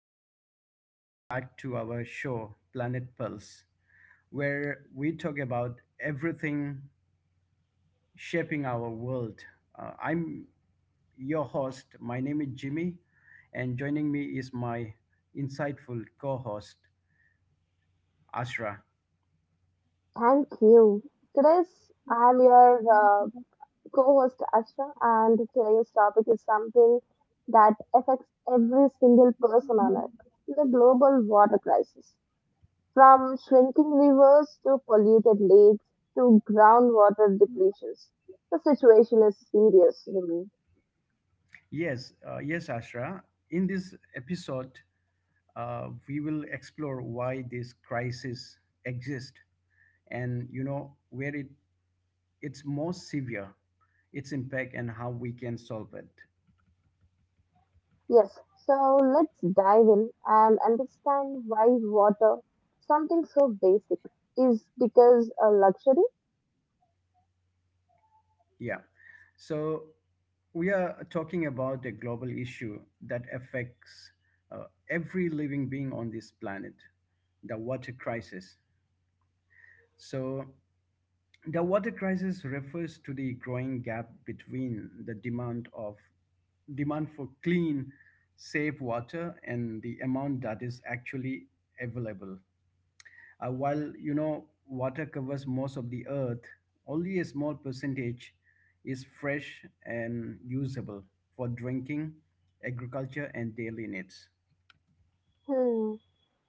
and we welcome back to our show, Planet Pulse, where we talk about everything shaping our world. I'm your host. My name is Jimmy, and joining me is my insightful co host, Ashra. Thank you. Today's I'm your co host Ashra, and today's topic is something that affects every single person on Earth, the global water crisis. From shrinking rivers to polluted lakes to groundwater depletions, the situation is serious. Really? Yes, yes, Ashra. In this episode, we will explore why this crisis exists and where it's more severe, its impact, and how we can solve it. Yes, so let's dive in and understand why water, something so basic, is because a luxury. Yeah, so we are talking about a global issue that affects, uh, every living being on this planet, the water crisis. So the water crisis refers to the growing gap between the demand of demand for clean, safe water and the amount that is actually available. While water covers most of the earth, only a small percentage is fresh and usable for drinking, agriculture, and daily needs. Hmm.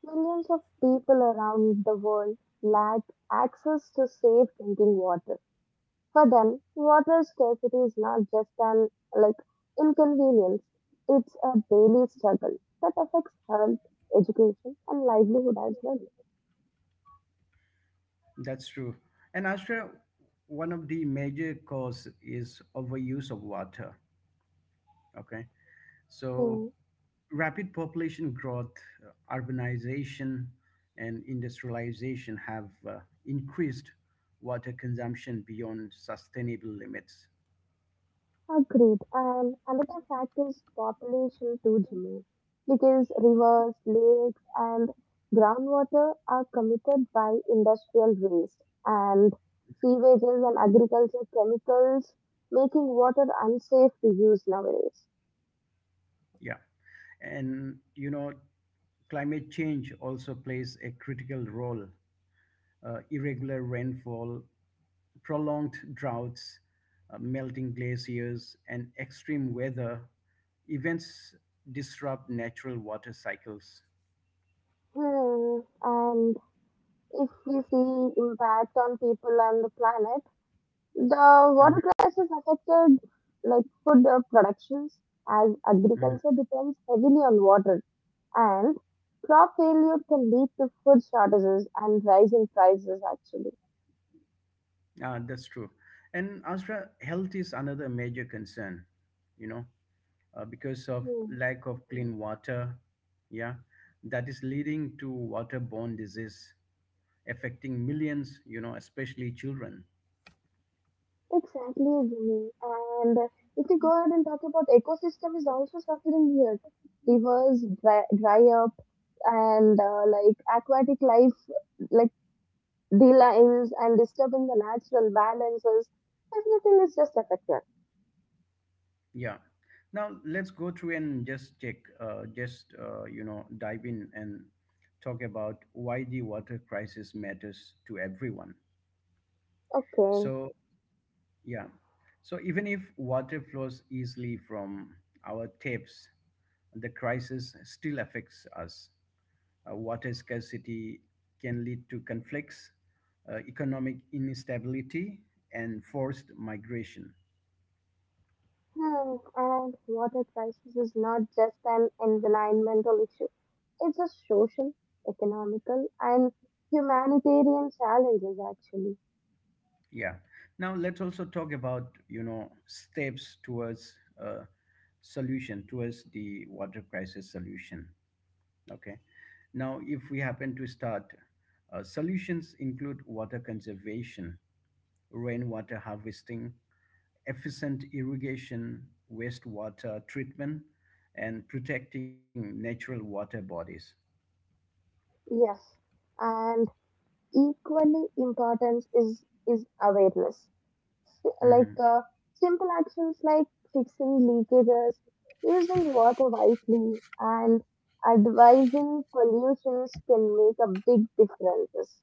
Millions of people around the world lack access to safe drinking water. For them, water scarcity is not just an, like, inconvenience, it's a daily struggle that affects health, education, and livelihood as well. That's true. And Ashra, one of the major cause is overuse of water. Okay, so Hmm. rapid population growth, urbanization, and industrialization have increased water consumption beyond sustainable limits. Agreed. And another fact is population too, Jimmy, because rivers, lakes, and groundwater are committed by industrial waste and sewages and agriculture chemicals, making water unsafe to use nowadays. Yeah. And climate change also plays a critical role. Irregular rainfall, prolonged droughts, melting glaciers, and extreme weather events disrupt natural water cycles. Hmm. And if we see impact on people and the planet, the Mhm, water crisis affected, like, food productions, as mhm. agriculture depends heavily on water. And crop failure can lead to food shortages and rising prices, actually. Ah, that's true. And Asra, health is another major concern, you know, because of Hmm. lack of clean water, yeah, that is leading to waterborne disease affecting millions, especially children. Exactly, Jimmy. And if we go ahead and talk about ecosystem, is also suffering here. Rivers dry up and like aquatic life, like delines, and disturbing the natural balances. Everything is just affected. Yeah. Now let's go through and just check, dive in and talk about why the water crisis matters to everyone. Okay. So yeah, so even if water flows easily from our taps, the crisis still affects us. Water scarcity can lead to conflicts, economic instability, and forced migration. Hmm. And water crisis is not just an environmental issue. It's a social, economical, and humanitarian challenges actually. Yeah. Now let's also talk about steps towards a solution towards the water crisis solution. Okay. Now, if we happen to start, solutions include water conservation, rainwater harvesting, efficient irrigation, wastewater treatment, and protecting natural water bodies. Yes, and equally important is awareness. Like Mhm. Simple actions like fixing leakages, using water wisely, and advising pollutions can make a big difference.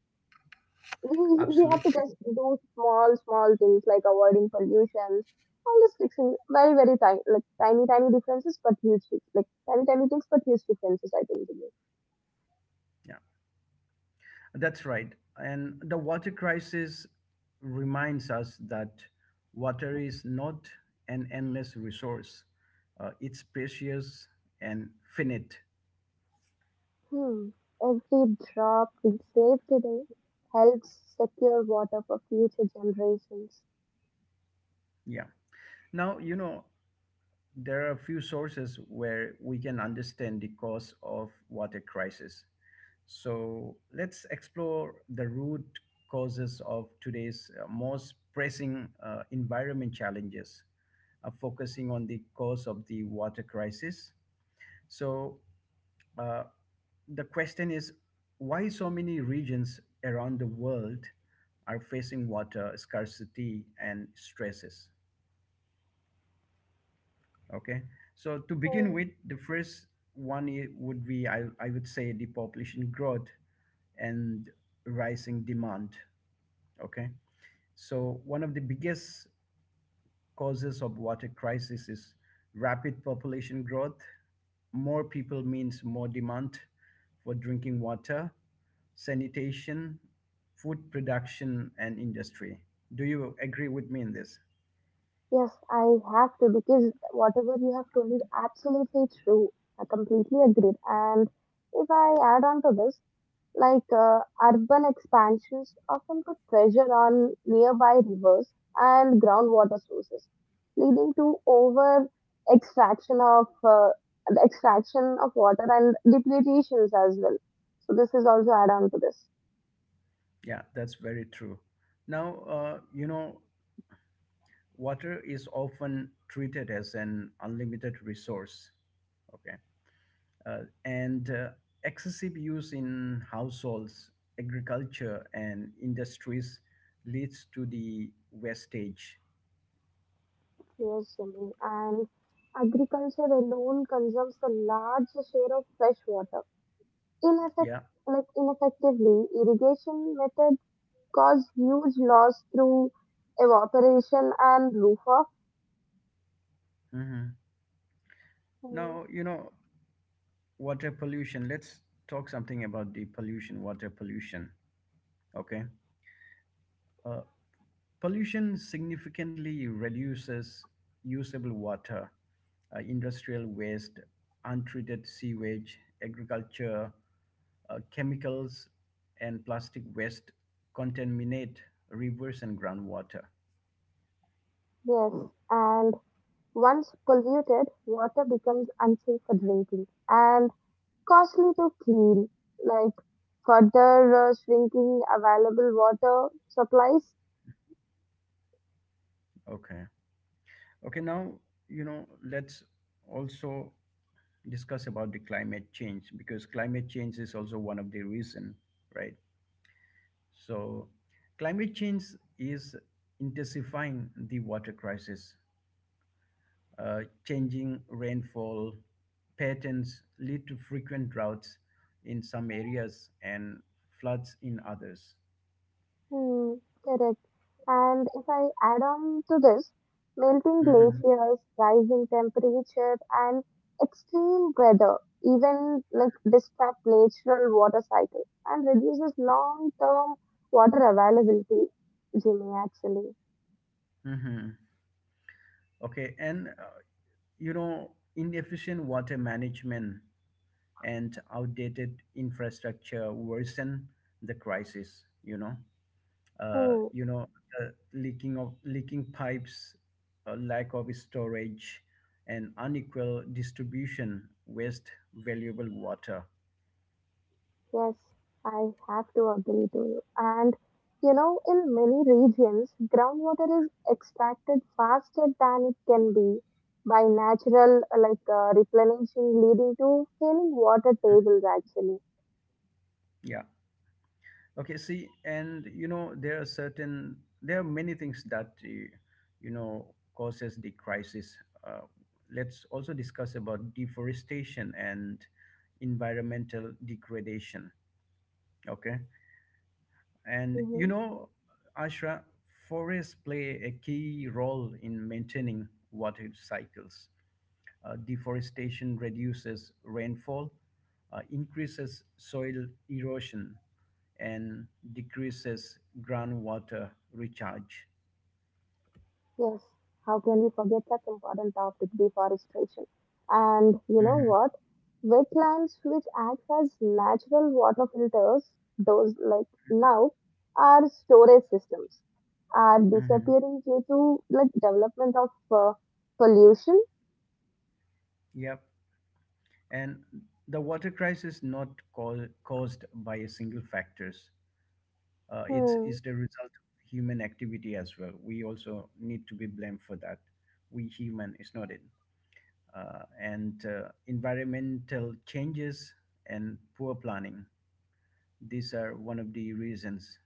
We have to Absolutely. just do small things like avoiding pollutions, all this fixing very tiny, like tiny differences, but like tiny things but huge differences, I think Jimmy. Yeah. That's right. And the water crisis reminds us that water is not an endless resource, it's precious and finite. Hmm. Every drop we save today helps secure water for future generations. Yeah. Now, there are a few sources where we can understand the cause of water crisis. So let's explore the root causes of today's most pressing environment challenges, focusing on the cause of the water crisis. So uh, the question is why so many regions around the world are facing water scarcity and stresses. Okay, so to Hmm. begin with, the first one I would say the population growth and rising demand. Okay, so one of the biggest causes of water crisis is rapid population growth. More people means more demand for drinking water, sanitation, food production, and industry. Do you agree with me in this? Yes I have to, because whatever you have told is absolutely true. I completely agree, and if I add on to this, like urban expansions often put pressure on nearby rivers and groundwater sources, leading to over extraction of the extraction of water and depletions as well. So this is also add on to this. Yeah, that's very true. Now, water is often treated as an unlimited resource. Okay, uh, and excessive use in households, agriculture, and industries leads to the wastage. Yes, Jimmy. And agriculture alone consumes a large share of fresh water. In effect, Yeah. like ineffectively, irrigation methods cause huge loss through evaporation and runoff. hmm Mm. Now, water pollution. Let's talk something about the pollution, water pollution. Okay. Uh, Pollution significantly reduces usable water, industrial waste, untreated sewage, agriculture, chemicals, and plastic waste contaminate rivers and groundwater. Yes, and once polluted, water becomes unsafe for drinking and costly to clean. Like further shrinking available water supplies. Okay. Okay, now, let's also discuss about the climate change, because climate change is also one of the reason, right? So, climate change is intensifying the water crisis. Uh, Changing rainfall patterns lead to frequent droughts in some areas and floods in others. Hmm, correct. And if I add on to this, melting hmm glaciers, rising temperature, and extreme weather even, like, disrupt natural water cycle and reduces long-term water availability. Jimmy, actually. hmm Okay, and inefficient water management and outdated infrastructure worsen the crisis. Uh, Hmm, you know, the leaking of leaking pipes, lack of storage, and unequal distribution waste valuable water. yes, I have to agree to you. And you know, in many regions, groundwater is extracted faster than it can be by natural replenishing, leading to failing water tables actually. Yeah. Okay. See, and there are many things that causes the crisis. Uh, let's also discuss about deforestation and environmental degradation. Okay. And Ashra, forests play a key role in maintaining water cycles. Deforestation reduces rainfall, increases soil erosion, and decreases groundwater recharge. Yes, how can we forget that important topic, deforestation? And you know Mhm, what? Wetlands, which act as natural water filters, those, like, now are storage systems, are mhm. disappearing due to like development of pollution. Yep. And the water crisis not cau- caused by a single factors. It's Hmm. is the result of human activity as well. We also need to be blamed for that. We human is not it. And environmental changes and poor planning. These are one of the reasons.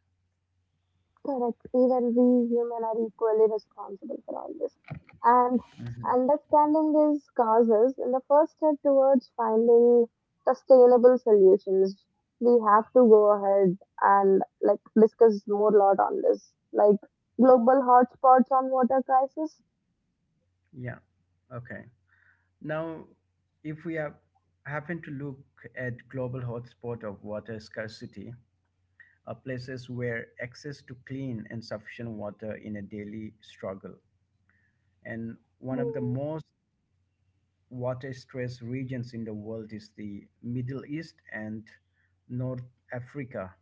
Correct. Even we human are equally responsible for all this. And Mhm. understanding these causes is the first step towards finding sustainable solutions. We have to go ahead and like discuss more lot on this, like global hotspots on water crisis. Yeah. Okay. Now, if we have, happen to look at global hotspot of water scarcity, are places where access to clean and sufficient water in a daily struggle. And one of the Hmm, most water-stressed regions in the world is the Middle East and North Africa,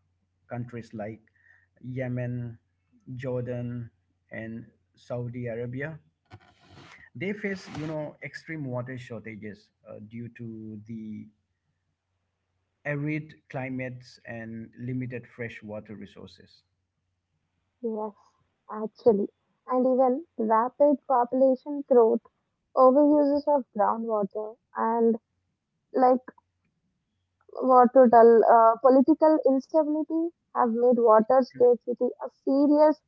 countries like Yemen, Jordan, and Saudi Arabia. They face, extreme water shortages due to the arid climates and limited freshwater resources. yes, actually, and even rapid population growth, overuses of groundwater, and like, what to tell? Political instability have made water scarcity a serious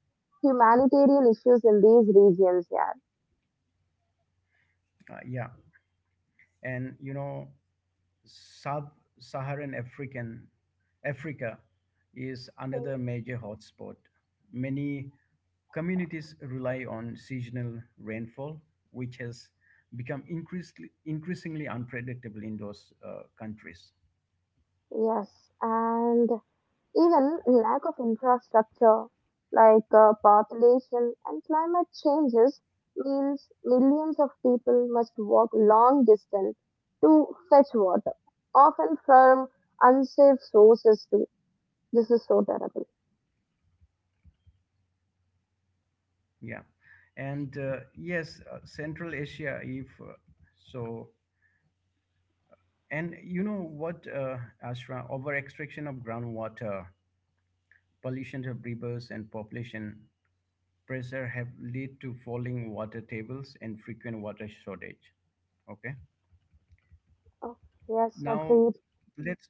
humanitarian issues in these regions. Yeah. Yeah, and sub-Saharan African Africa is another major hotspot. Many communities rely on seasonal rainfall, which has become increasingly unpredictable in those countries. Yes, and even lack of infrastructure, like population and climate changes, means millions of people must walk long distance to fetch water, often from unsafe sources too. This is so terrible. Yeah, and Central Asia, if so and Ashra, over extraction of groundwater, pollution of rivers, and population pressure have led to falling water tables and frequent water shortage. Okay. Oh, yes, Now, agreed. let's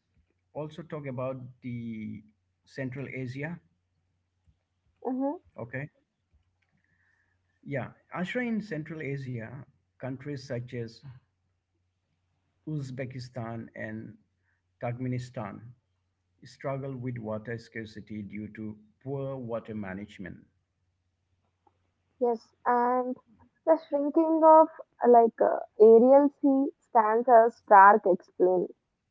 also talk about the Central Asia. Mm-hmm. Okay. Yeah. Ashra, in Central Asia, countries such as Uzbekistan and Turkmenistan struggle with water scarcity due to poor water management. Yes, and the shrinking of Arial Sea stands as stark explain,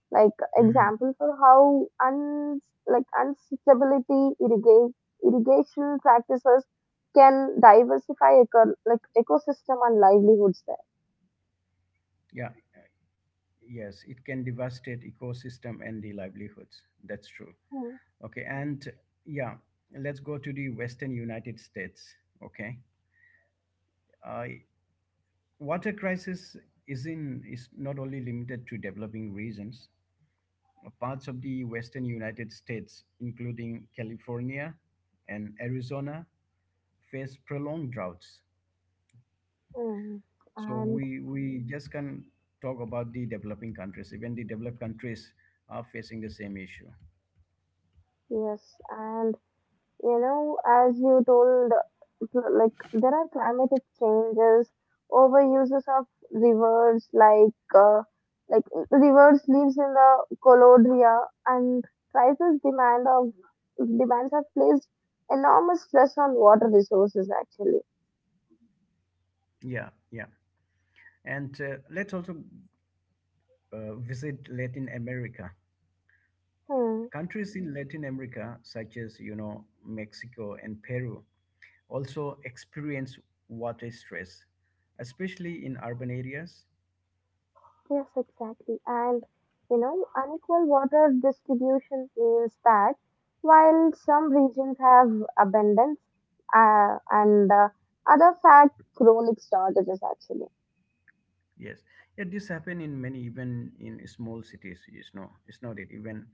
like Mm-hmm. example for how un like unsustainability irrigation practices can diversify eco, like ecosystem and livelihoods there. Yeah, yes, it can devastate ecosystem and the livelihoods. That's true. Mm. Okay, and yeah, let's go to the Western United States. Okay, uh, water crisis is not only limited to developing regions. Parts of the Western United States, including California and Arizona, face prolonged droughts. Mm. So And we just can talk about the developing countries. Even the developed countries are facing the same issue. yes, and you know, as you told. So, like there are climatic changes, overuses of rivers, like rivers lives in the colodria, and crisis demand of demands have placed enormous stress on water resources actually. Yeah, yeah. And let's also visit Latin America. Hmm. Countries in Latin America, such as, Mexico and Peru, also experience water stress, especially in urban areas. Yes, exactly. And you know, unequal water distribution means that while some regions have abundance and other fact chronic shortages actually. Yes. Yeah, this happen in many, even in small cities, it's not it, even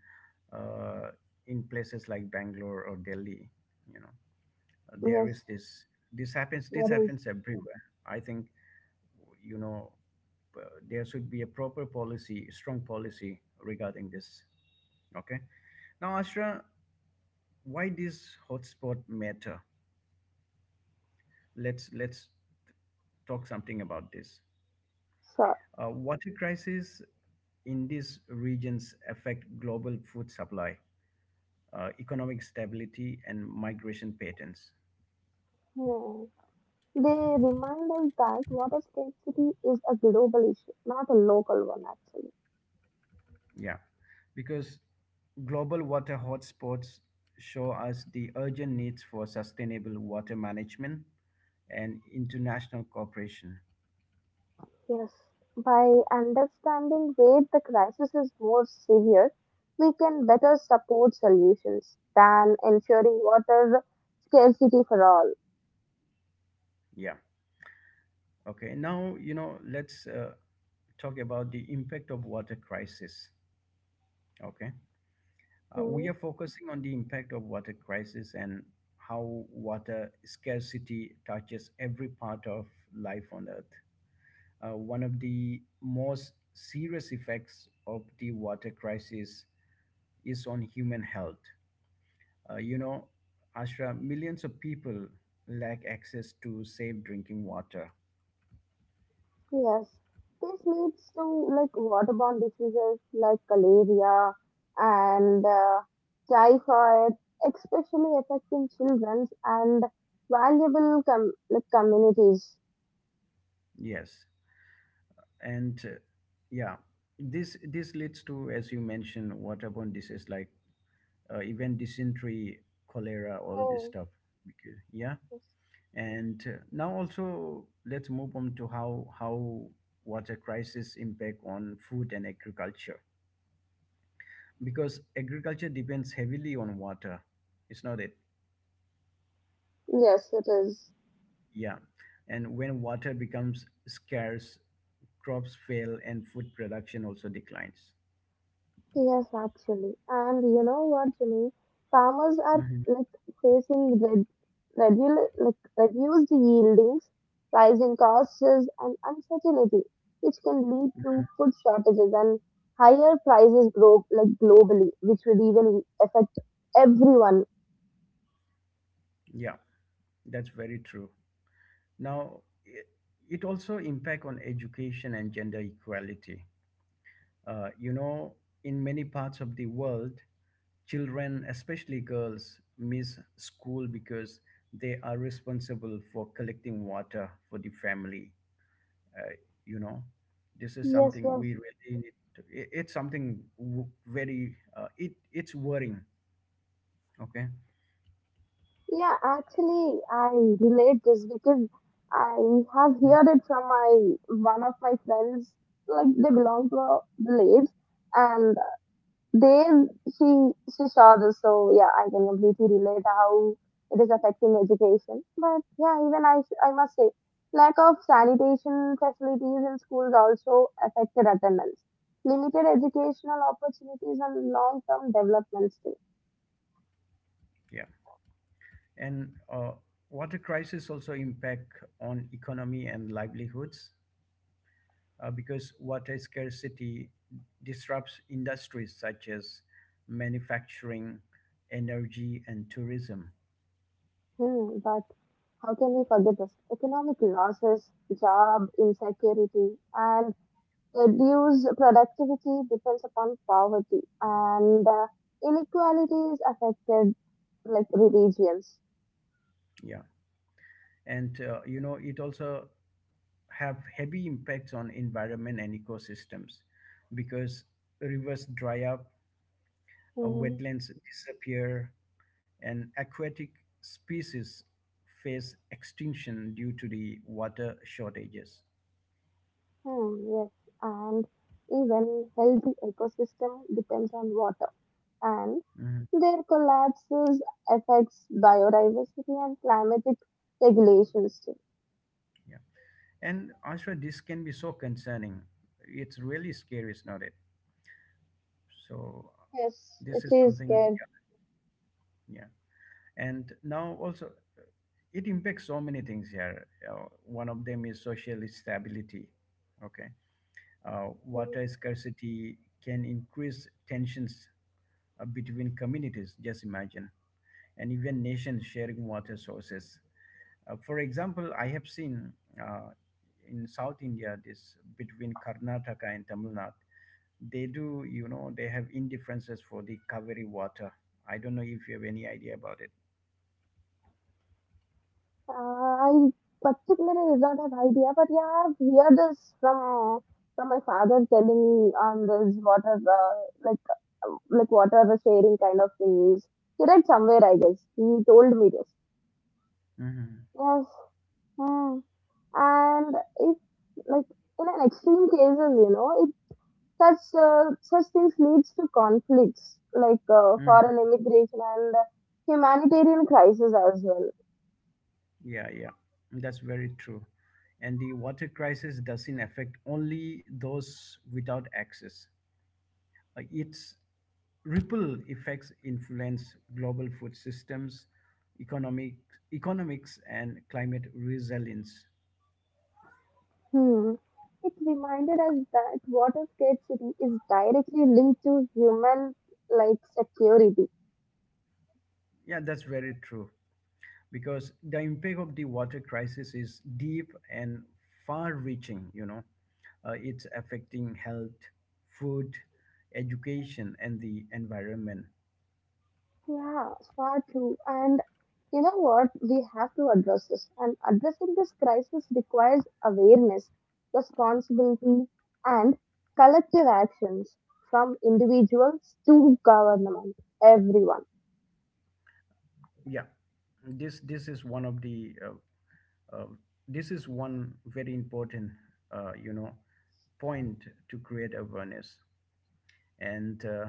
uh, in places like Bangalore or Delhi, you know, there is Yes. this, this What is happens everywhere. I think you know, there should be a strong policy regarding this. Okay. Now, Ashra, why this hotspot matter? Let's talk something about this. sure? Water crisis in these regions affect global food supply, economic stability, and migration patterns. Yeah. They remind us that water scarcity is a global issue, not a local one, actually. Yeah, because global water hotspots show us the urgent needs for sustainable water management and international cooperation. Yes. By understanding where the crisis is more severe, we can better support solutions than ensuring water scarcity for all. Yeah. Okay. Now, let's talk about the impact of water crisis. Okay. Hmm. We are focusing on the impact of water crisis and how water scarcity touches every part of life on earth. One of the most serious effects of the water crisis is on human health. Uh, you know, Ashra, millions of people lack access to safe drinking water. Yes, this leads to like waterborne diseases like malaria and typhoid, especially affecting children and like communities. Yes, and yeah, this leads to, as you mentioned, waterborne disease like even dysentery, cholera, all this Hmm. stuff. Because, yeah. And now also let's move on to how water crisis impact on food and agriculture, because agriculture depends heavily on water. It's not it, Yes, it is. yeah. And when water becomes scarce, crops fail and food production also declines. Yes, actually. And you know what, Jimmy? Farmers are, Mhm, like, facing like, reduced yieldings, rising costs, and uncertainty, which can lead to mhm. food shortages and higher prices grow, like, globally, which will even affect everyone. Yeah, that's very true. Now, it also impact on education and gender equality. Uh, you know, in many parts of the world, children, especially girls, miss school because they are responsible for collecting water for the family. Uh, you know, this is Yes, something yes. we really need. To, it, it's something w- very. It it's worrying. Okay. Yeah, actually, I relate this because I have Mhm. heard it from my one of my friends. Like they belong to a village, and there she saw this, so yeah, I can completely relate how it is affecting education. But yeah, even I must say, lack of sanitation facilities in schools also affected attendance, limited educational opportunities, and long term developments too. Yeah. And water crisis also impact on economy and livelihoods, because water scarcity disrupts industries such as manufacturing, energy, and tourism. Hmm, but how can we forget this? Economic losses, job insecurity, and reduced productivity depends upon poverty, and inequality is affected like regions. Yeah, and it also have heavy impacts on environment and ecosystems, because rivers dry up, Hmm, wetlands disappear, and aquatic species face extinction due to the water shortages. Yes, and even healthy ecosystem depends on water, and Mhm. their collapses affects biodiversity and climatic regulations too. Yeah, and Ashra, this can be so concerning. It's really scary, is not it? So Yes, this it is is something. good. Yeah, yeah. And now also it impacts so many things here. One of them is social stability. Okay, Hmm. water scarcity can increase tensions between communities. Just imagine, and even nations sharing water sources. For example, I have seen uh, in South India this between Karnataka and Tamil Nadu. They do, they have indifferences for the Kaveri water. I don't know if you have any idea about it. I particularly do not have idea, but yeah, I've heard this from my father telling on this water like like water sharing kind of things. He read somewhere, I guess. He told me this. Mm-hmm. Yes. Hmm. And if, like, in an extreme cases, you know, it, such such things leads to conflicts like foreign immigration and humanitarian crisis as well. Yeah, yeah, that's very true. And the water crisis doesn't affect only those without access. Like its ripple effects influence global food systems, economic economics, and climate resilience. Hmm. It reminded us that water scarcity is directly linked to human, like, security. Yeah, that's very true. Because the impact of the water crisis is deep and far-reaching. You know, it's affecting health, food, education, and the environment. Yeah, far too. And you know what? We have to address this. And addressing this crisis requires awareness, responsibility, and collective actions from individuals to government, everyone. Yeah. this this is one of the uh, uh, this is one very important uh, you know point to create awareness. And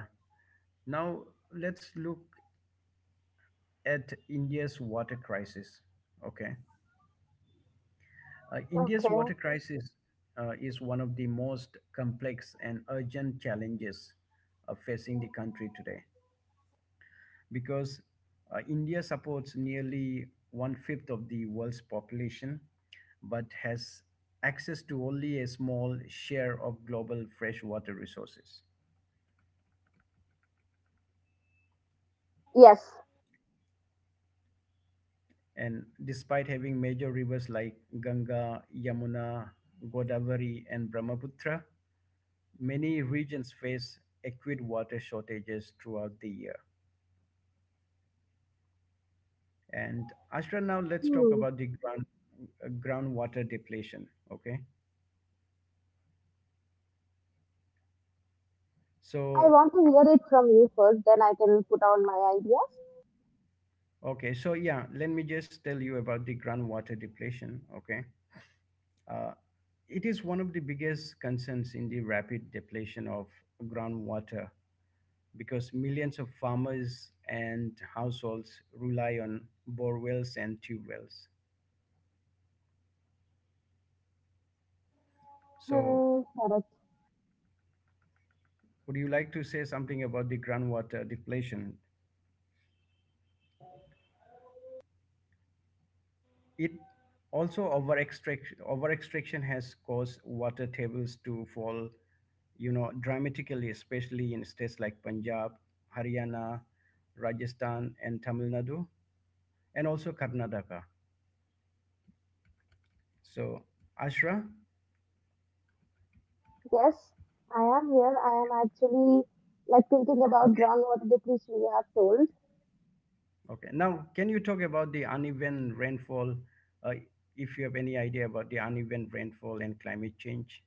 now let's look at India's water crisis. Okay. India's Okay. water crisis is one of the most complex and urgent challenges facing the country today, because India supports nearly one fifth of the world's population, but has access to only a small share of global freshwater resources. Yes. And despite having major rivers like Ganga, Yamuna, Godavari, and Brahmaputra, many regions face acute water shortages throughout the year. And Ashra, now let's talk Hmm. about groundwater depletion. Okay, I so want to hear it from you first, then I can put on my ideas. Okay, so yeah, let me just tell you about the groundwater depletion. Okay, uh, it is one of the biggest concerns in the rapid depletion of groundwater, because millions of farmers and households rely on bore wells and tube wells. So, Hmm. Correct. would you like to say something about the groundwater depletion? It also over extraction has caused water tables to fall, you know, dramatically, especially in states like Punjab, Haryana, Rajasthan, and Tamil Nadu, and also Karnataka. So, Ashra, Yes, I am here. I am actually, like, thinking about okay. groundwater depletion you have told. Okay. Now, can you talk about the uneven rainfall? Uh, if you have any idea about the uneven rainfall and climate change,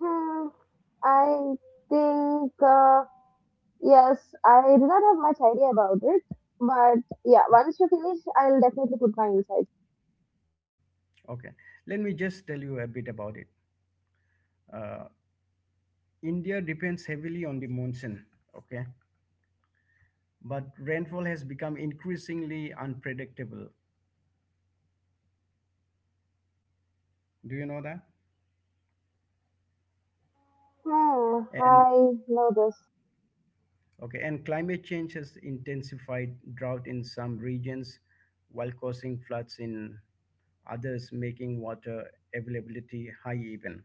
Hmm, I think, yes, I do not have much idea about it. But yeah, once you finish, I'll definitely put my insights. okay. Let me just tell you a bit about it. Uh, India depends heavily on the monsoon. Okay, but rainfall has become increasingly unpredictable. Do you know that? Hmm, And I know this. okay, and climate change has intensified drought in some regions while causing floods in others, making water availability high even.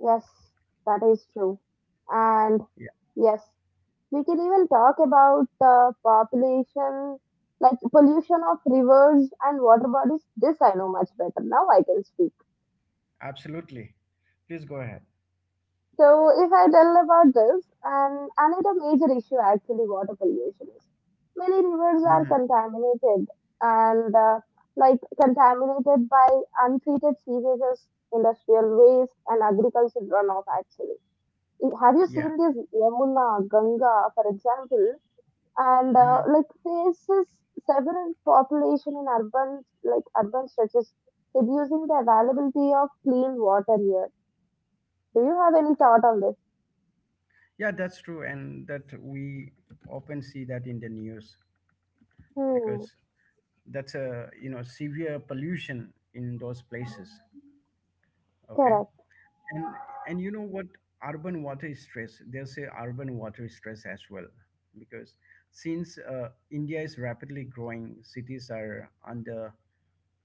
Yes, that is true. And Yeah, yes, we can even talk about the population, like pollution of rivers and water bodies. This I know much better. Now I can speak. absolutely. Please go ahead. So, if I tell about this, and another major issue actually water pollution is many rivers are Hmm. contaminated and like contaminated by untreated sewages, industrial waste, and agricultural runoff. Actually, have you Yeah. seen this Yamuna, Ganga, for example? And Hmm. like faces several population in urban, like urban stretches, reducing the availability of clean water here. Do you have any thought on this? Yeah, that's true. And that we often see that in the news, Hmm. because that's a severe pollution in those places. Okay. Correct. and and you know what, urban water stress as well, because since India is rapidly growing cities are under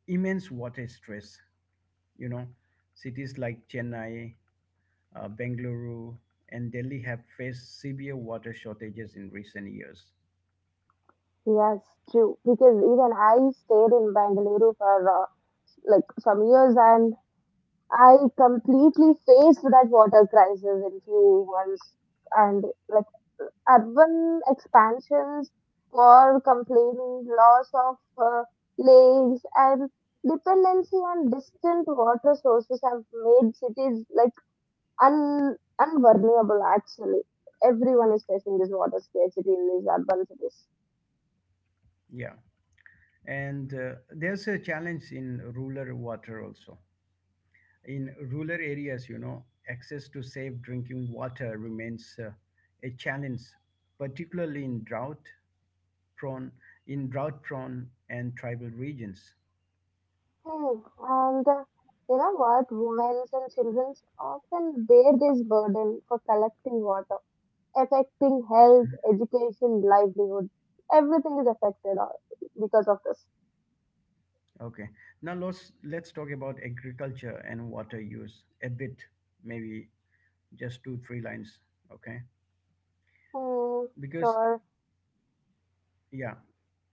immense water stress. you know Cities like Chennai, Bengaluru, and Delhi have faced severe water shortages in recent years. Yes, true. Because even I stayed in Bangalore for like some years, and I completely faced that water crisis in few months. And like urban expansions for complaining loss of uh, lakes and dependency on distant water sources have made cities like unvulnerable actually. Everyone is facing this water scarcity in these urban cities. Yeah. And there's a challenge in rural water also. In rural areas, you know, access to safe drinking water remains a challenge, particularly in prone drought prone and tribal regions. Hmm. And you know what? Women and children often bear this burden for collecting water, affecting health, education, livelihood. Everything is affected because of this. Okay. Now let's talk about agriculture and water use a bit, maybe just two, three lines. Okay. Hmm. Because So yeah.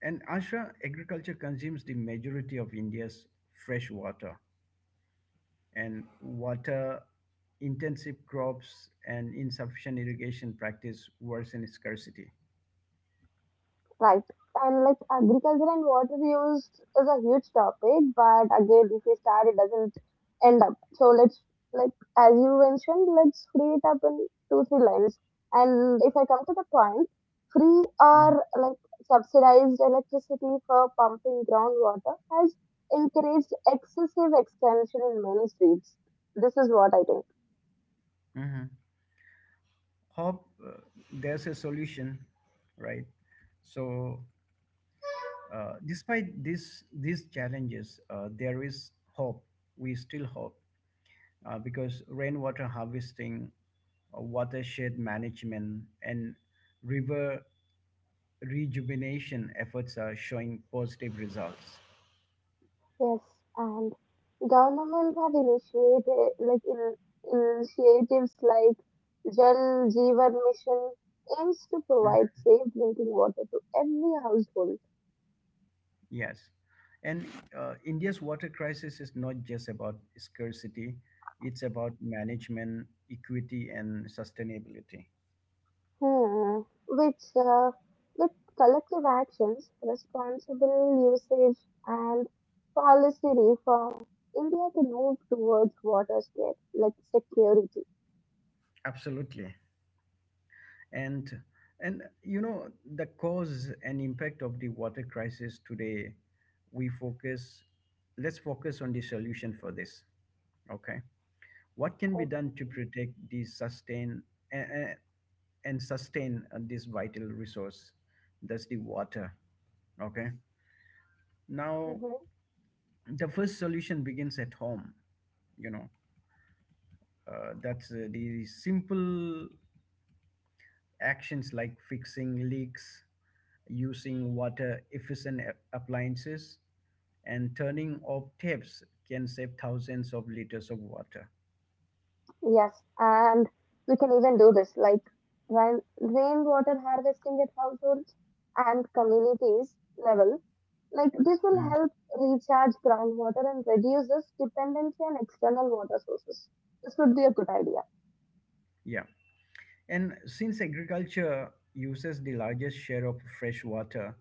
And Ashra, agriculture consumes the majority of India's fresh water, and water intensive crops and insufficient irrigation practice worsen scarcity. right. And like agriculture and water use is a huge topic, but again, if we start, it doesn't end up. So let's, like as you mentioned, let's free it up in 2-3 lines. And if I come to the point, free Mhm, or like subsidized electricity for pumping groundwater has encouraged excessive expansion in many states. This is what I think. mhm. Hope there's a solution, right? So, despite these challenges, there is hope. We still hope, because rainwater harvesting, watershed management, and river rejuvenation efforts are showing positive results. Yes, and governments have initiated initiatives like Jal Jeevan Mission aims to provide safe drinking water to every household. Yes. And India's water crisis is not just about scarcity, it's about management, equity, and sustainability. Hmm. Which, with collective actions, responsible usage, and policy reform, India can move towards water scarcity, like security. Absolutely. And and you know, the cause and impact of the water crisis today, we focus let's focus on the solution for this. Okay. What can be done to protect and, and sustain this vital resource, that's the water. Okay. Now, the first solution begins at home. You know, that's The simple actions like fixing leaks, using water efficient appliances, and turning off taps can save thousands of liters of water. Yes, and we can even do this like when rainwater harvesting at households and communities level. Like this will Mm. help recharge groundwater and reduces dependency on external water sources. This would be a good idea. Yeah. And since agriculture uses the largest share of fresh water,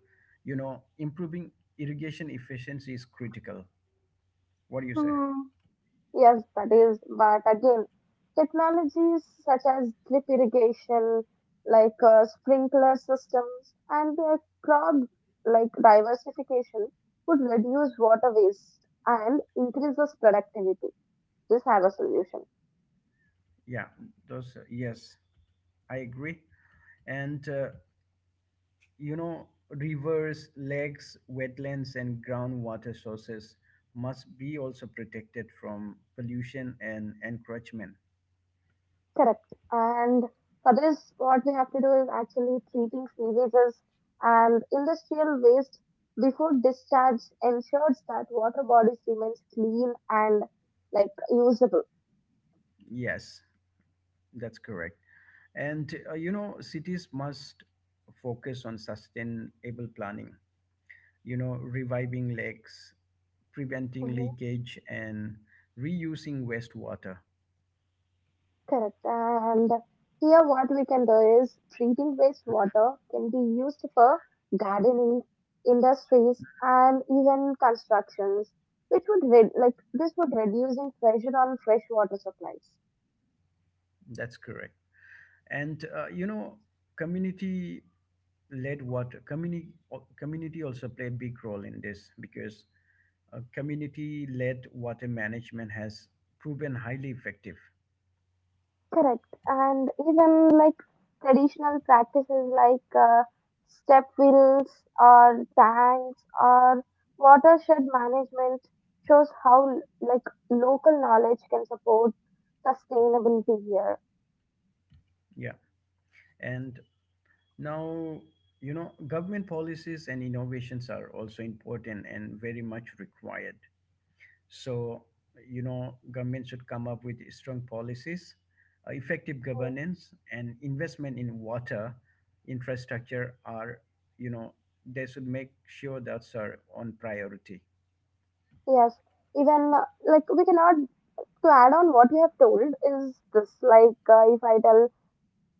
improving irrigation efficiency is critical. What do you say? Yes, that is, but again, technologies such as drip irrigation, like sprinkler systems, and crop, like diversification would reduce water waste and increases productivity. This have a solution. Yeah, those, yes, I agree. And rivers, lakes, wetlands, and groundwater sources must be also protected from pollution and encroachment. Correct. And for this, what we have to do is actually treating sewages and industrial waste before discharge ensures that water bodies remains clean and like usable. Yes, that's correct. And cities must focus on sustainable planning, reviving lakes, preventing leakage, and reusing wastewater. Correct. And here, what we can do is treating wastewater can be used for gardening, industries, and even constructions, which would like this would reducing pressure on fresh water supplies. That's correct. And community led water community community also play a big role in this, because community led water management has proven highly effective. Correct. And even like traditional practices like step wells or tanks or watershed management shows how like local knowledge can support sustainability here. Yeah. And now, government policies and innovations are also important and very much required. So, you know, government should come up with strong policies, effective governance, and investment in water infrastructure are, you know, they should make sure that's are on priority. Yes, even like we cannot to add on what you have told is this like if I tell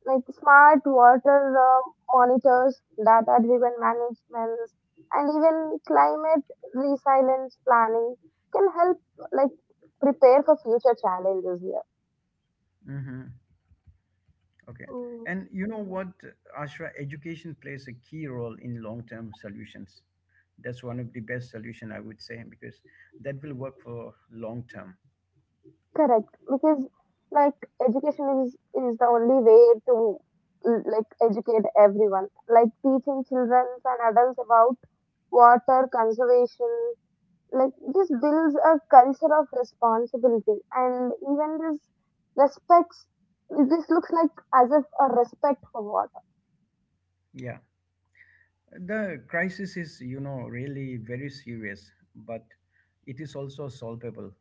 like smart water monitors, data driven managements, and even climate resilience planning can help like prepare for future challenges here. Hmm. Okay. And you know what, Ashra, education plays a key role in long-term solutions. That's one of the best solution I would say, because that will work for long term. Correct, because like education is the only way to like educate everyone. Like teaching children and adults about water conservation, like this builds a culture of responsibility, and even this respects. This looks like as if a respect for water. Yeah. The crisis is, you know, really very serious, but it is also solvable.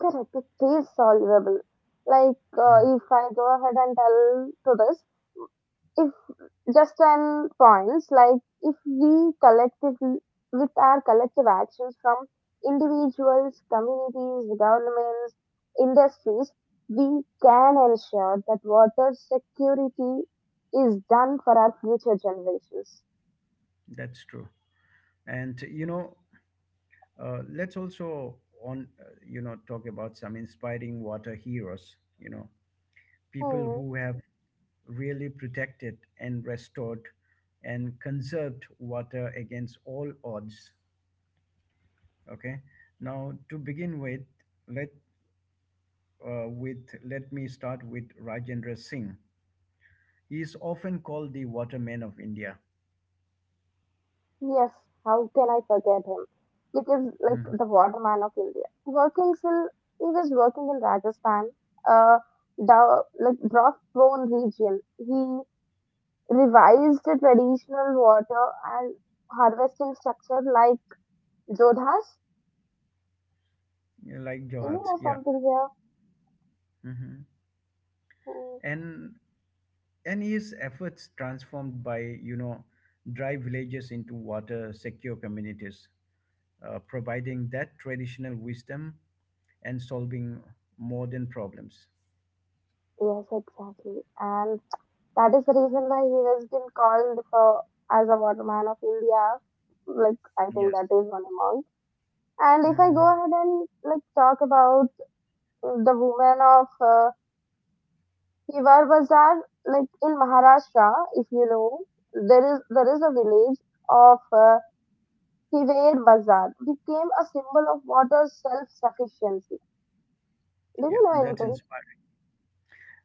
Correct, it is solvable. Like Mhm. If I go ahead and tell to this, if just an points like if we collectively with our collective actions from individuals, communities, governments, industries, we can ensure that water security is done for our future generations. That's true. And, let's also talk about some inspiring water heroes, people Hmm. who have really protected and restored and conserved water against all odds. Okay. Now, to begin with, let let me start with Rajendra Singh. He is often called the waterman of India. Yes, how can I forget him? Because like Mhm. the waterman of India. Working till he was working in Rajasthan, uh the like drought prone region. He revised the traditional water and harvesting structure like Jodhas. Yeah, like You Johat. know Yeah. something here? Mhm. Hmm. and and his efforts transformed by you know dry villages into water secure communities, providing that traditional wisdom and solving modern problems. Yes, exactly. And that is the reason why he has been called for as a waterman of India. Like I think Yes. that is one among. And if I go Mhm. ahead and like talk about the women of Hiwar Bazar, like in Maharashtra, if you know, there is a village of Hidayer Bazaar became a symbol of water self sufficiency. Do Yeah, you and know that's anything? inspiring.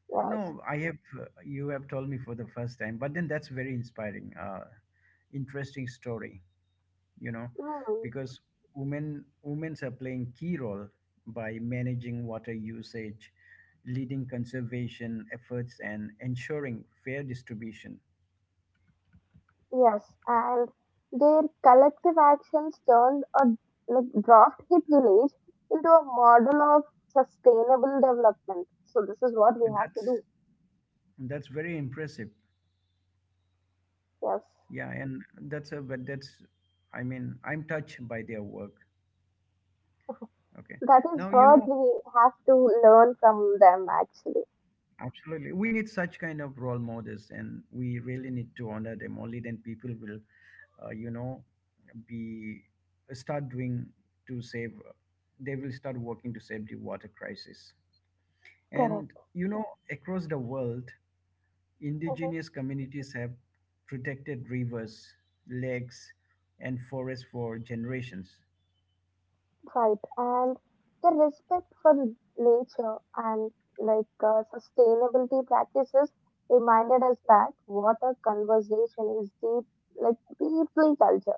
Yes. No, I have you have told me for the first time, but then that's very inspiring. Interesting story. you know Hmm. because women women's are playing key role by managing water usage, leading conservation efforts, and ensuring fair distribution. Yes. And their collective actions turned a like, drought hit village into a model of sustainable development. So, this is what we And have to that's do. that's very impressive. Yes. Yeah. And that's a but that's I mean, I'm touched by their work. Okay. That is now you what know we have to learn from them, actually. Absolutely. We need such kind of role models and we really need to honor them. Only then people will, you know, be start doing to save, they will start working to save the water crisis. And, Correct. Across the world, Mm-hmm. indigenous communities have protected rivers, lakes, and forests for generations. Right, and the respect for nature and like sustainability practices reminded us that water conversation is deep, like deeply culture.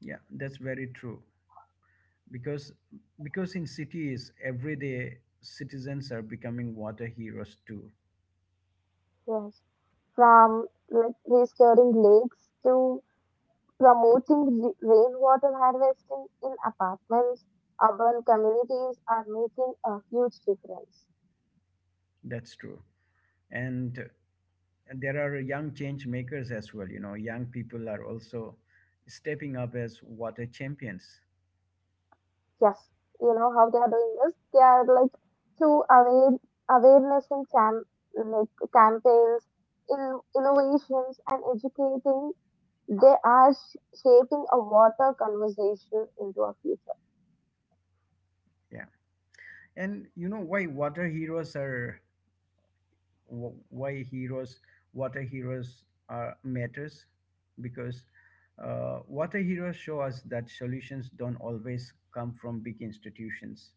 Yeah, that's very true. Because in cities, everyday citizens are becoming water heroes too. Yes, from like restoring lakes to promoting rainwater harvesting in apartments, urban communities are making a huge difference. That's true. And there are young change makers as well. You know, young people are also stepping up as water champions. Yes, you know how they are doing this. They are like through awareness and like campaigns, innovations, and educating. They are shaping a water conversation into our future. Yeah. And you know why water heroes are, wh- why heroes water heroes are matters, because water heroes show us that solutions don't always come from big institutions.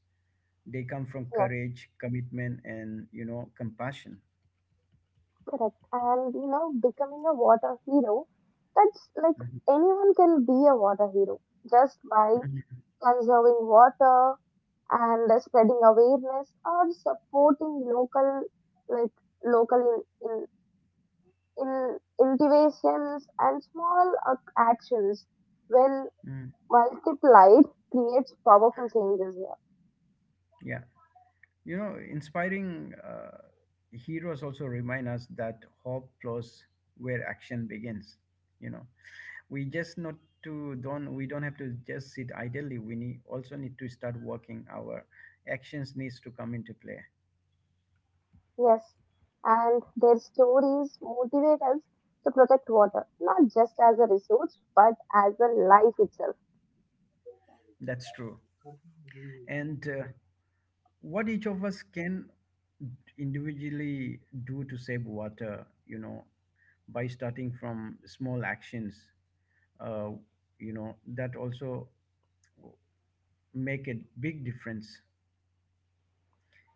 They come from Yes, courage, commitment, and compassion. correct. And you know, becoming a water hero. That's like Mhm. anyone can be a water hero just by Mhm. conserving water and spreading awareness or supporting local, like local in innovations and small actions when Mm. multiplied creates powerful changes here. Yeah. Inspiring heroes also remind us that hope flows where action begins. You know, we just not to don't have to just sit idly. We need also need to start working. Our actions needs to come into play. Yes, and their stories motivate us to protect water, not just as a resource, but as a life itself. That's true. And what each of us can individually do to save water, by starting from small actions, uh, you know, that also. Make a big difference.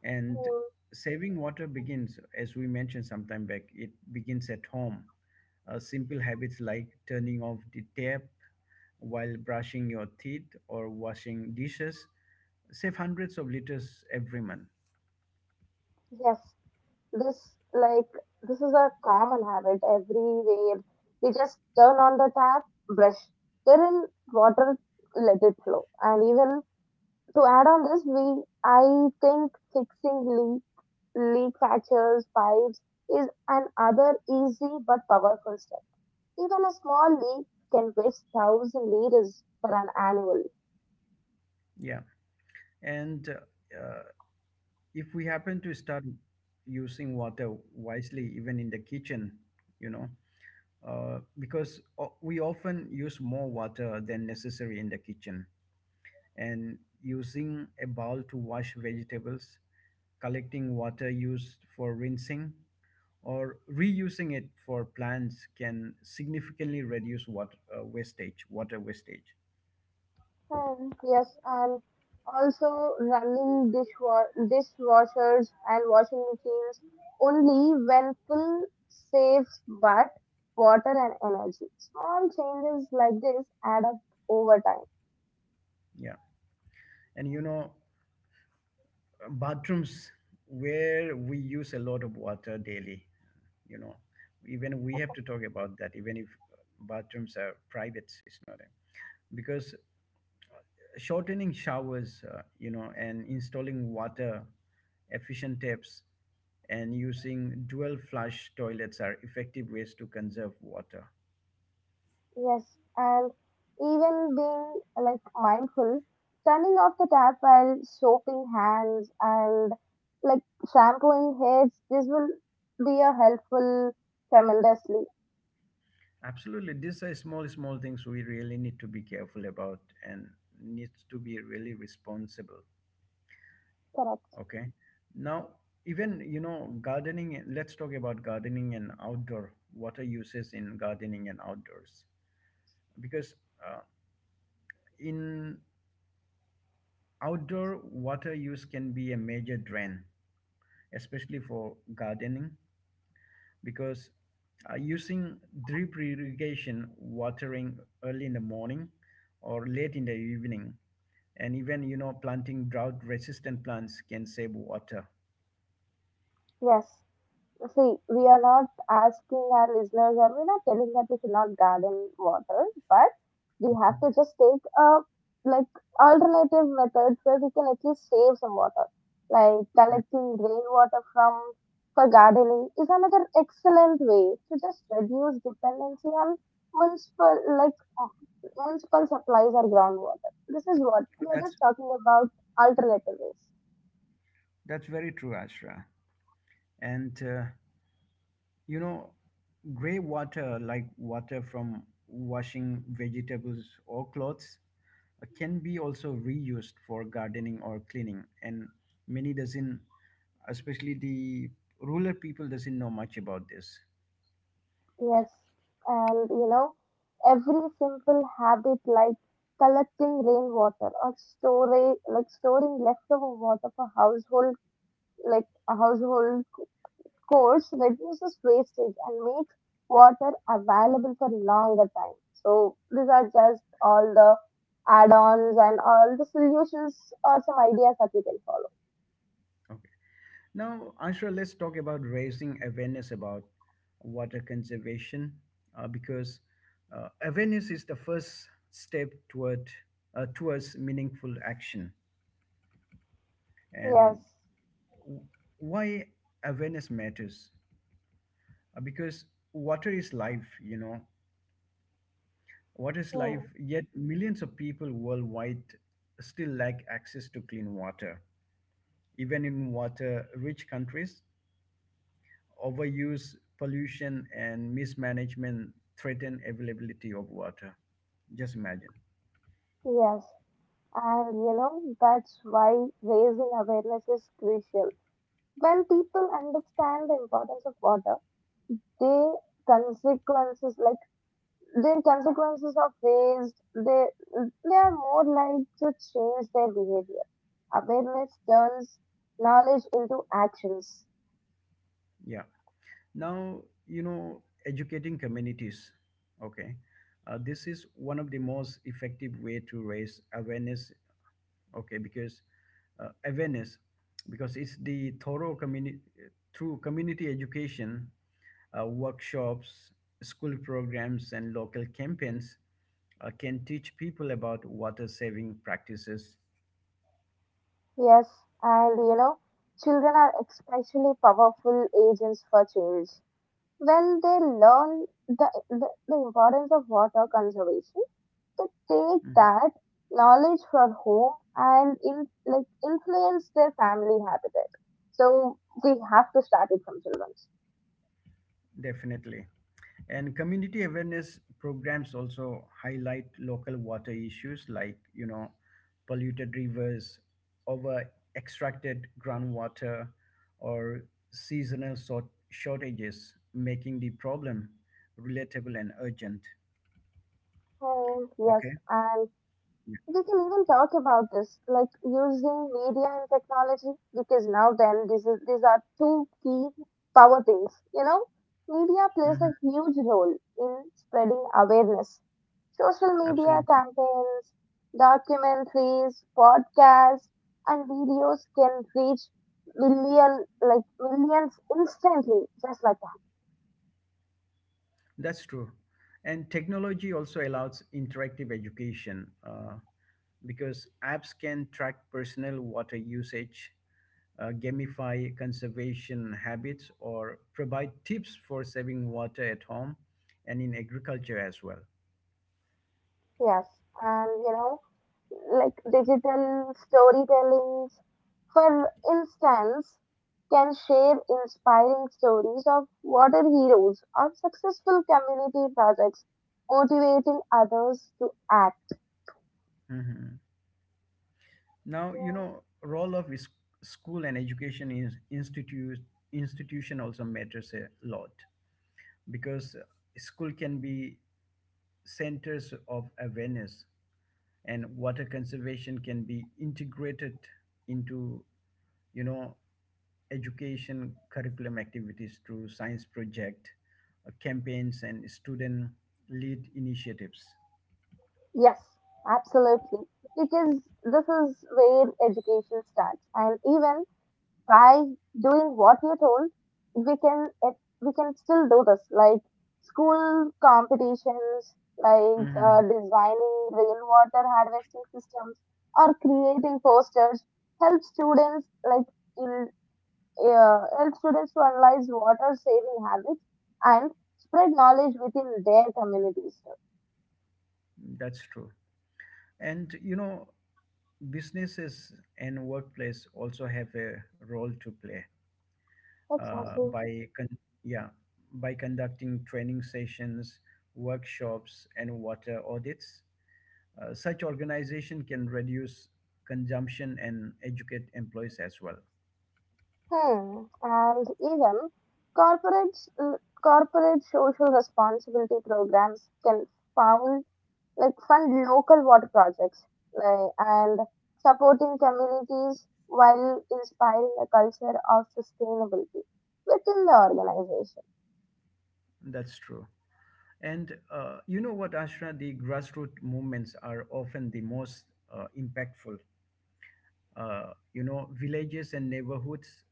And Mm. saving water begins, as we mentioned sometime back, it begins at home. Simple habits like turning off the tap while brushing your teeth or washing dishes save hundreds of liters every month. Yes, this like this is a common habit everywhere. We just turn on the tap, brush, fill in water, let it flow, and even to add on this, we I think leak patches, pipes is another easy but powerful step. Even a small leak can waste 1,000 liters for an annual. Yeah. And uh, if we happen to start using water wisely, even in the kitchen, you know, because we often use more water than necessary in the kitchen. And using a bowl to wash vegetables, collecting water used for rinsing, or reusing it for plants can significantly reduce water wastage. And yes, and also running dishwashers and washing machines only when full saves but water and energy. Small changes like this add up over time. Yeah. And bathrooms where we use a lot of water daily, you know, even we have to talk about that, even if bathrooms are private, it's not a, because shortening showers, and installing water efficient taps and using dual flush toilets are effective ways to conserve water. Yes, and even being like mindful, turning off the tap while soaping hands and like shampooing heads, this will be a helpful tremendously. Absolutely, these are small, small things we really need to be careful about, and needs to be really responsible. Correct. Okay. Now, even gardening. Let's talk about gardening and outdoor water uses in gardening and outdoors, because uh, in outdoor water use can be a major drain, especially for gardening, because using drip irrigation, watering early in the morning or late in the evening, and even planting drought-resistant plants can save water. Yes. See, we are not asking our listeners or we're not telling that we should not garden water, but we have to just take a like alternative methods where we can at least save some water. Like Mm. collecting rainwater from for gardening is another excellent way to just reduce dependency on municipal like municipal supplies or groundwater. This is what we are That's just talking about alternative ways. that's very true, Ashra. And You know, gray water, like water from washing vegetables or clothes, can be also reused for gardening or cleaning. And many doesn't, especially the rural people, doesn't know much about this. Yes, and you know, every simple habit like collecting rainwater or storing like storing leftover water for household like a household chores reduces wastage and makes water available for longer time. So these are just all the add-ons and all the solutions or some ideas that we can follow. Okay. Now, Ashra, let's talk about raising awareness about water conservation, because awareness is the first step towards meaningful action. And Yes. why awareness matters. Because water is life, water is Hmm. life, yet millions of people worldwide still lack access to clean water. Even in water rich countries, overuse, pollution, and mismanagement threaten availability of water. Just imagine. Yes. And you know, that's why raising awareness is crucial. When people understand the importance of water, their consequences, like their consequences of waste, they are more likely to change their behavior. Awareness turns knowledge into actions. Yeah. Now, you know educating communities. Okay. This is one of the most effective way to raise awareness. Okay. Because awareness because it's the thorough community through community education, workshops, school programs, and local campaigns can teach people about water saving practices. Yes, and you know, children are especially powerful agents for change. When they learn the importance of water conservation, to take Mm-hmm. that knowledge from home and like influence their family habitat. So we have to start it from children. Definitely. And community awareness programs also highlight local water issues like, you know, polluted rivers, over extracted groundwater, or seasonal sort shortages, making the problem relatable and urgent. Oh yes, Okay. and Yeah. we can even talk about this, like using media and technology, because now then this is these are two key power things. You know, media plays a Mhm. huge role in spreading awareness. Social media Absolutely. campaigns, documentaries, podcasts, and videos can reach million like millions instantly, just like that. That's true. And technology also allows interactive education, because apps can track personal water usage, gamify conservation habits, or provide tips for saving water at home and in agriculture as well. Yes, and you know, like digital storytellings, for instance, can share inspiring stories of water heroes or successful community projects, motivating others to act. Mhm. Now, role of school and education is institute institution also matters a lot, because school can be centers of awareness, and water conservation can be integrated into, you know education curriculum activities through science project, campaigns and student lead initiatives. Yes, absolutely. Because this is where education starts. And even by doing what you're told, we can it, we can still do this. Like school competitions, like Hmm. designing rainwater harvesting systems or creating posters, help students like in help students to analyze water saving habits and spread knowledge within their communities. Too. That's true. And businesses and workplace also have a role to play, uh, Exactly. by con- yeah, by conducting training sessions, workshops, and water audits. Such organization can reduce consumption and educate employees as well. Hmm. And even corporates, uh, corporate social responsibility programs can found like fund local water projects like, and supporting communities while inspiring a culture of sustainability within the organization. That's true. And you know what, Ashra, the grassroots movements are often the most impactful. Villages and neighborhoods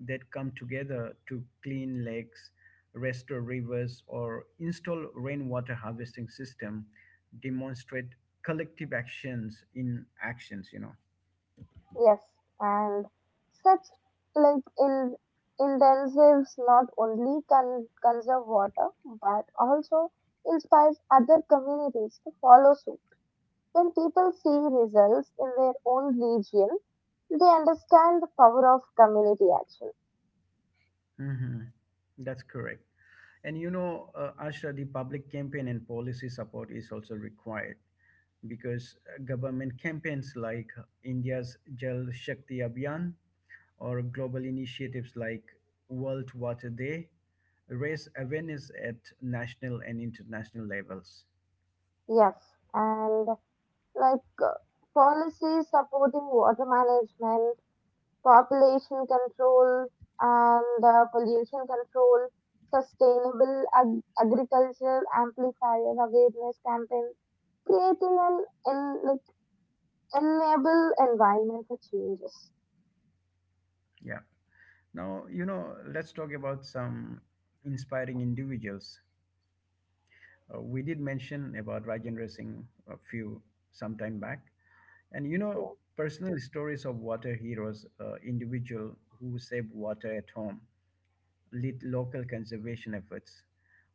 that come together to clean lakes, restore rivers, or install rainwater harvesting system demonstrate collective actions in actions. Yes, and such like in intensives not only can conserve water but also inspires other communities to follow suit. When people see results in their own region, they understand the power of community action. Hmm. That's correct. And Ashra, the public campaign and policy support is also required, because government campaigns like India's Jal Shakti Abhiyan or global initiatives like World Water Day raise awareness at national and international levels. Yes, and like policies supporting water management, population control, and pollution control, sustainable agricultural amplifier awareness campaign, creating like, enable environment for changes. Yeah. Now, let's talk about some inspiring individuals. We did mention about Rajendra Singh a few some time back, and Yeah. personal stories of water heroes, individual who save water at home, lead local conservation efforts,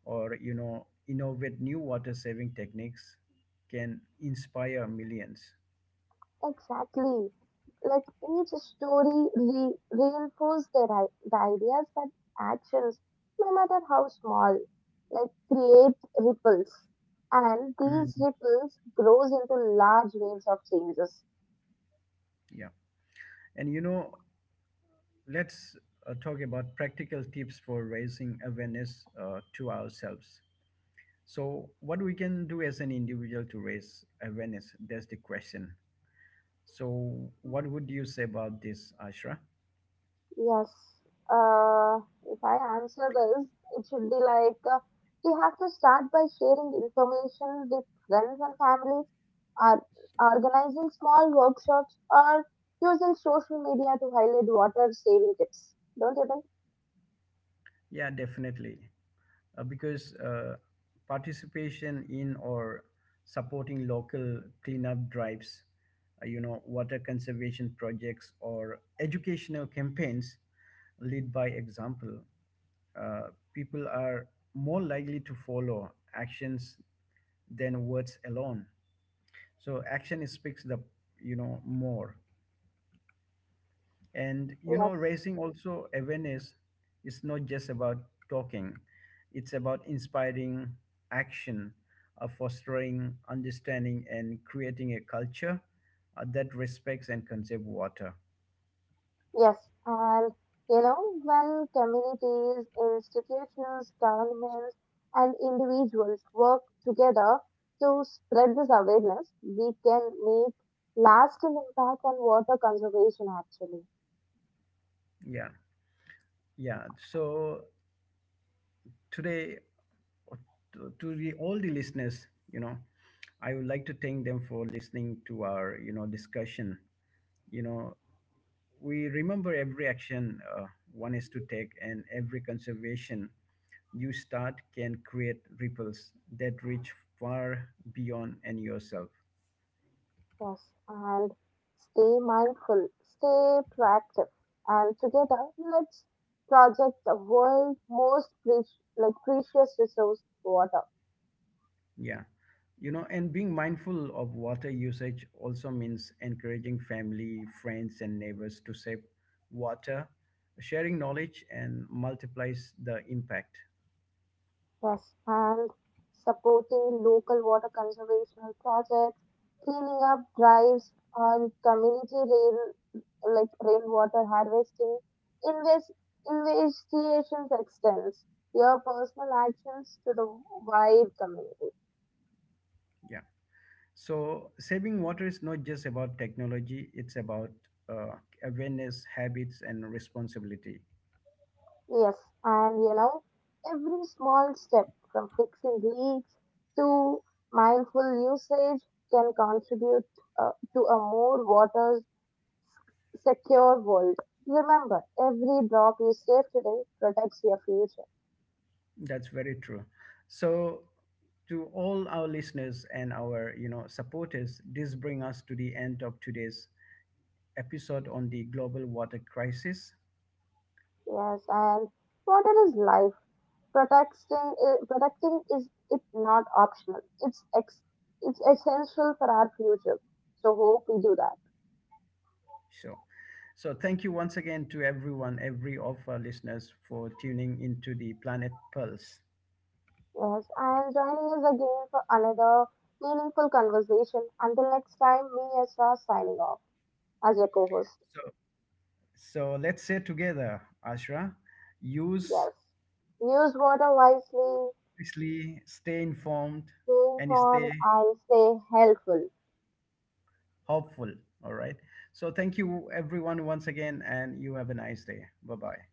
or innovate new water saving techniques can inspire millions. Exactly. Like each story reinforces the ideas that actions, no matter how small, like create ripples, and these ripples grows into large waves of changes. Yeah. And let's talk about practical tips for raising awareness, to ourselves. So what we can do as an individual to raise awareness, that's the question. So what would you say about this, Ashra? Yes. Uh, if I answer this, it should be like we have to start by sharing information with friends and families, or organizing small workshops, or using social media to highlight water saving tips. Don't you think? Yeah, definitely. Because participation in or supporting local cleanup drives, water conservation projects or educational campaigns lead by example. Uh, People are more likely to follow actions than words alone. So action speaks the, more. And Yes. raising also awareness is not just about talking, it's about inspiring action, fostering understanding, and creating a culture that respects and conserves water. Yes, and you know, when communities, institutions, governments, and individuals work together to spread this awareness, we can make lasting impact on water conservation actually. Yeah, yeah. So today, uh, all the listeners, you know, I would like to thank them for listening to our, discussion. You know, We remember every action one is to take, and every conservation you start can create ripples that reach far beyond and yourself. Yes, and stay mindful, stay proactive, and together let's project the world's most precious, like precious resource, water. Yeah. And being mindful of water usage also means encouraging family, friends, and neighbors to save water, sharing knowledge, and multiplies the impact. Yes, and supporting local water conservation projects, cleaning up drives, and community rail like rainwater harvesting, invest investigations extends your personal actions to the wide community. Yeah. So, saving water is not just about technology, it's about uh, awareness, habits, and responsibility. Yes, and you know, every small step from fixing leaks to mindful usage can contribute to a more water secure world. Remember, every drop you save today protects your future. That's very true. So, to all our listeners and our supporters, this brings us to the end of today's episode on the global water crisis. Yes, and water is life. Protecting is it not optional. It's essential for our future. So hope we do that. So, so, thank you once again to everyone, every of our listeners, for tuning into the Planet Pulse. Yes, and joining us again for another meaningful conversation. Until next time, me Esra signing off as your co-host. So, so, let's say together, Ashra, use Yes, use water wisely, obviously stay informed stay and stay informed, and stay helpful. hopeful. All right, so thank you everyone once again, and you have a nice day. Bye bye.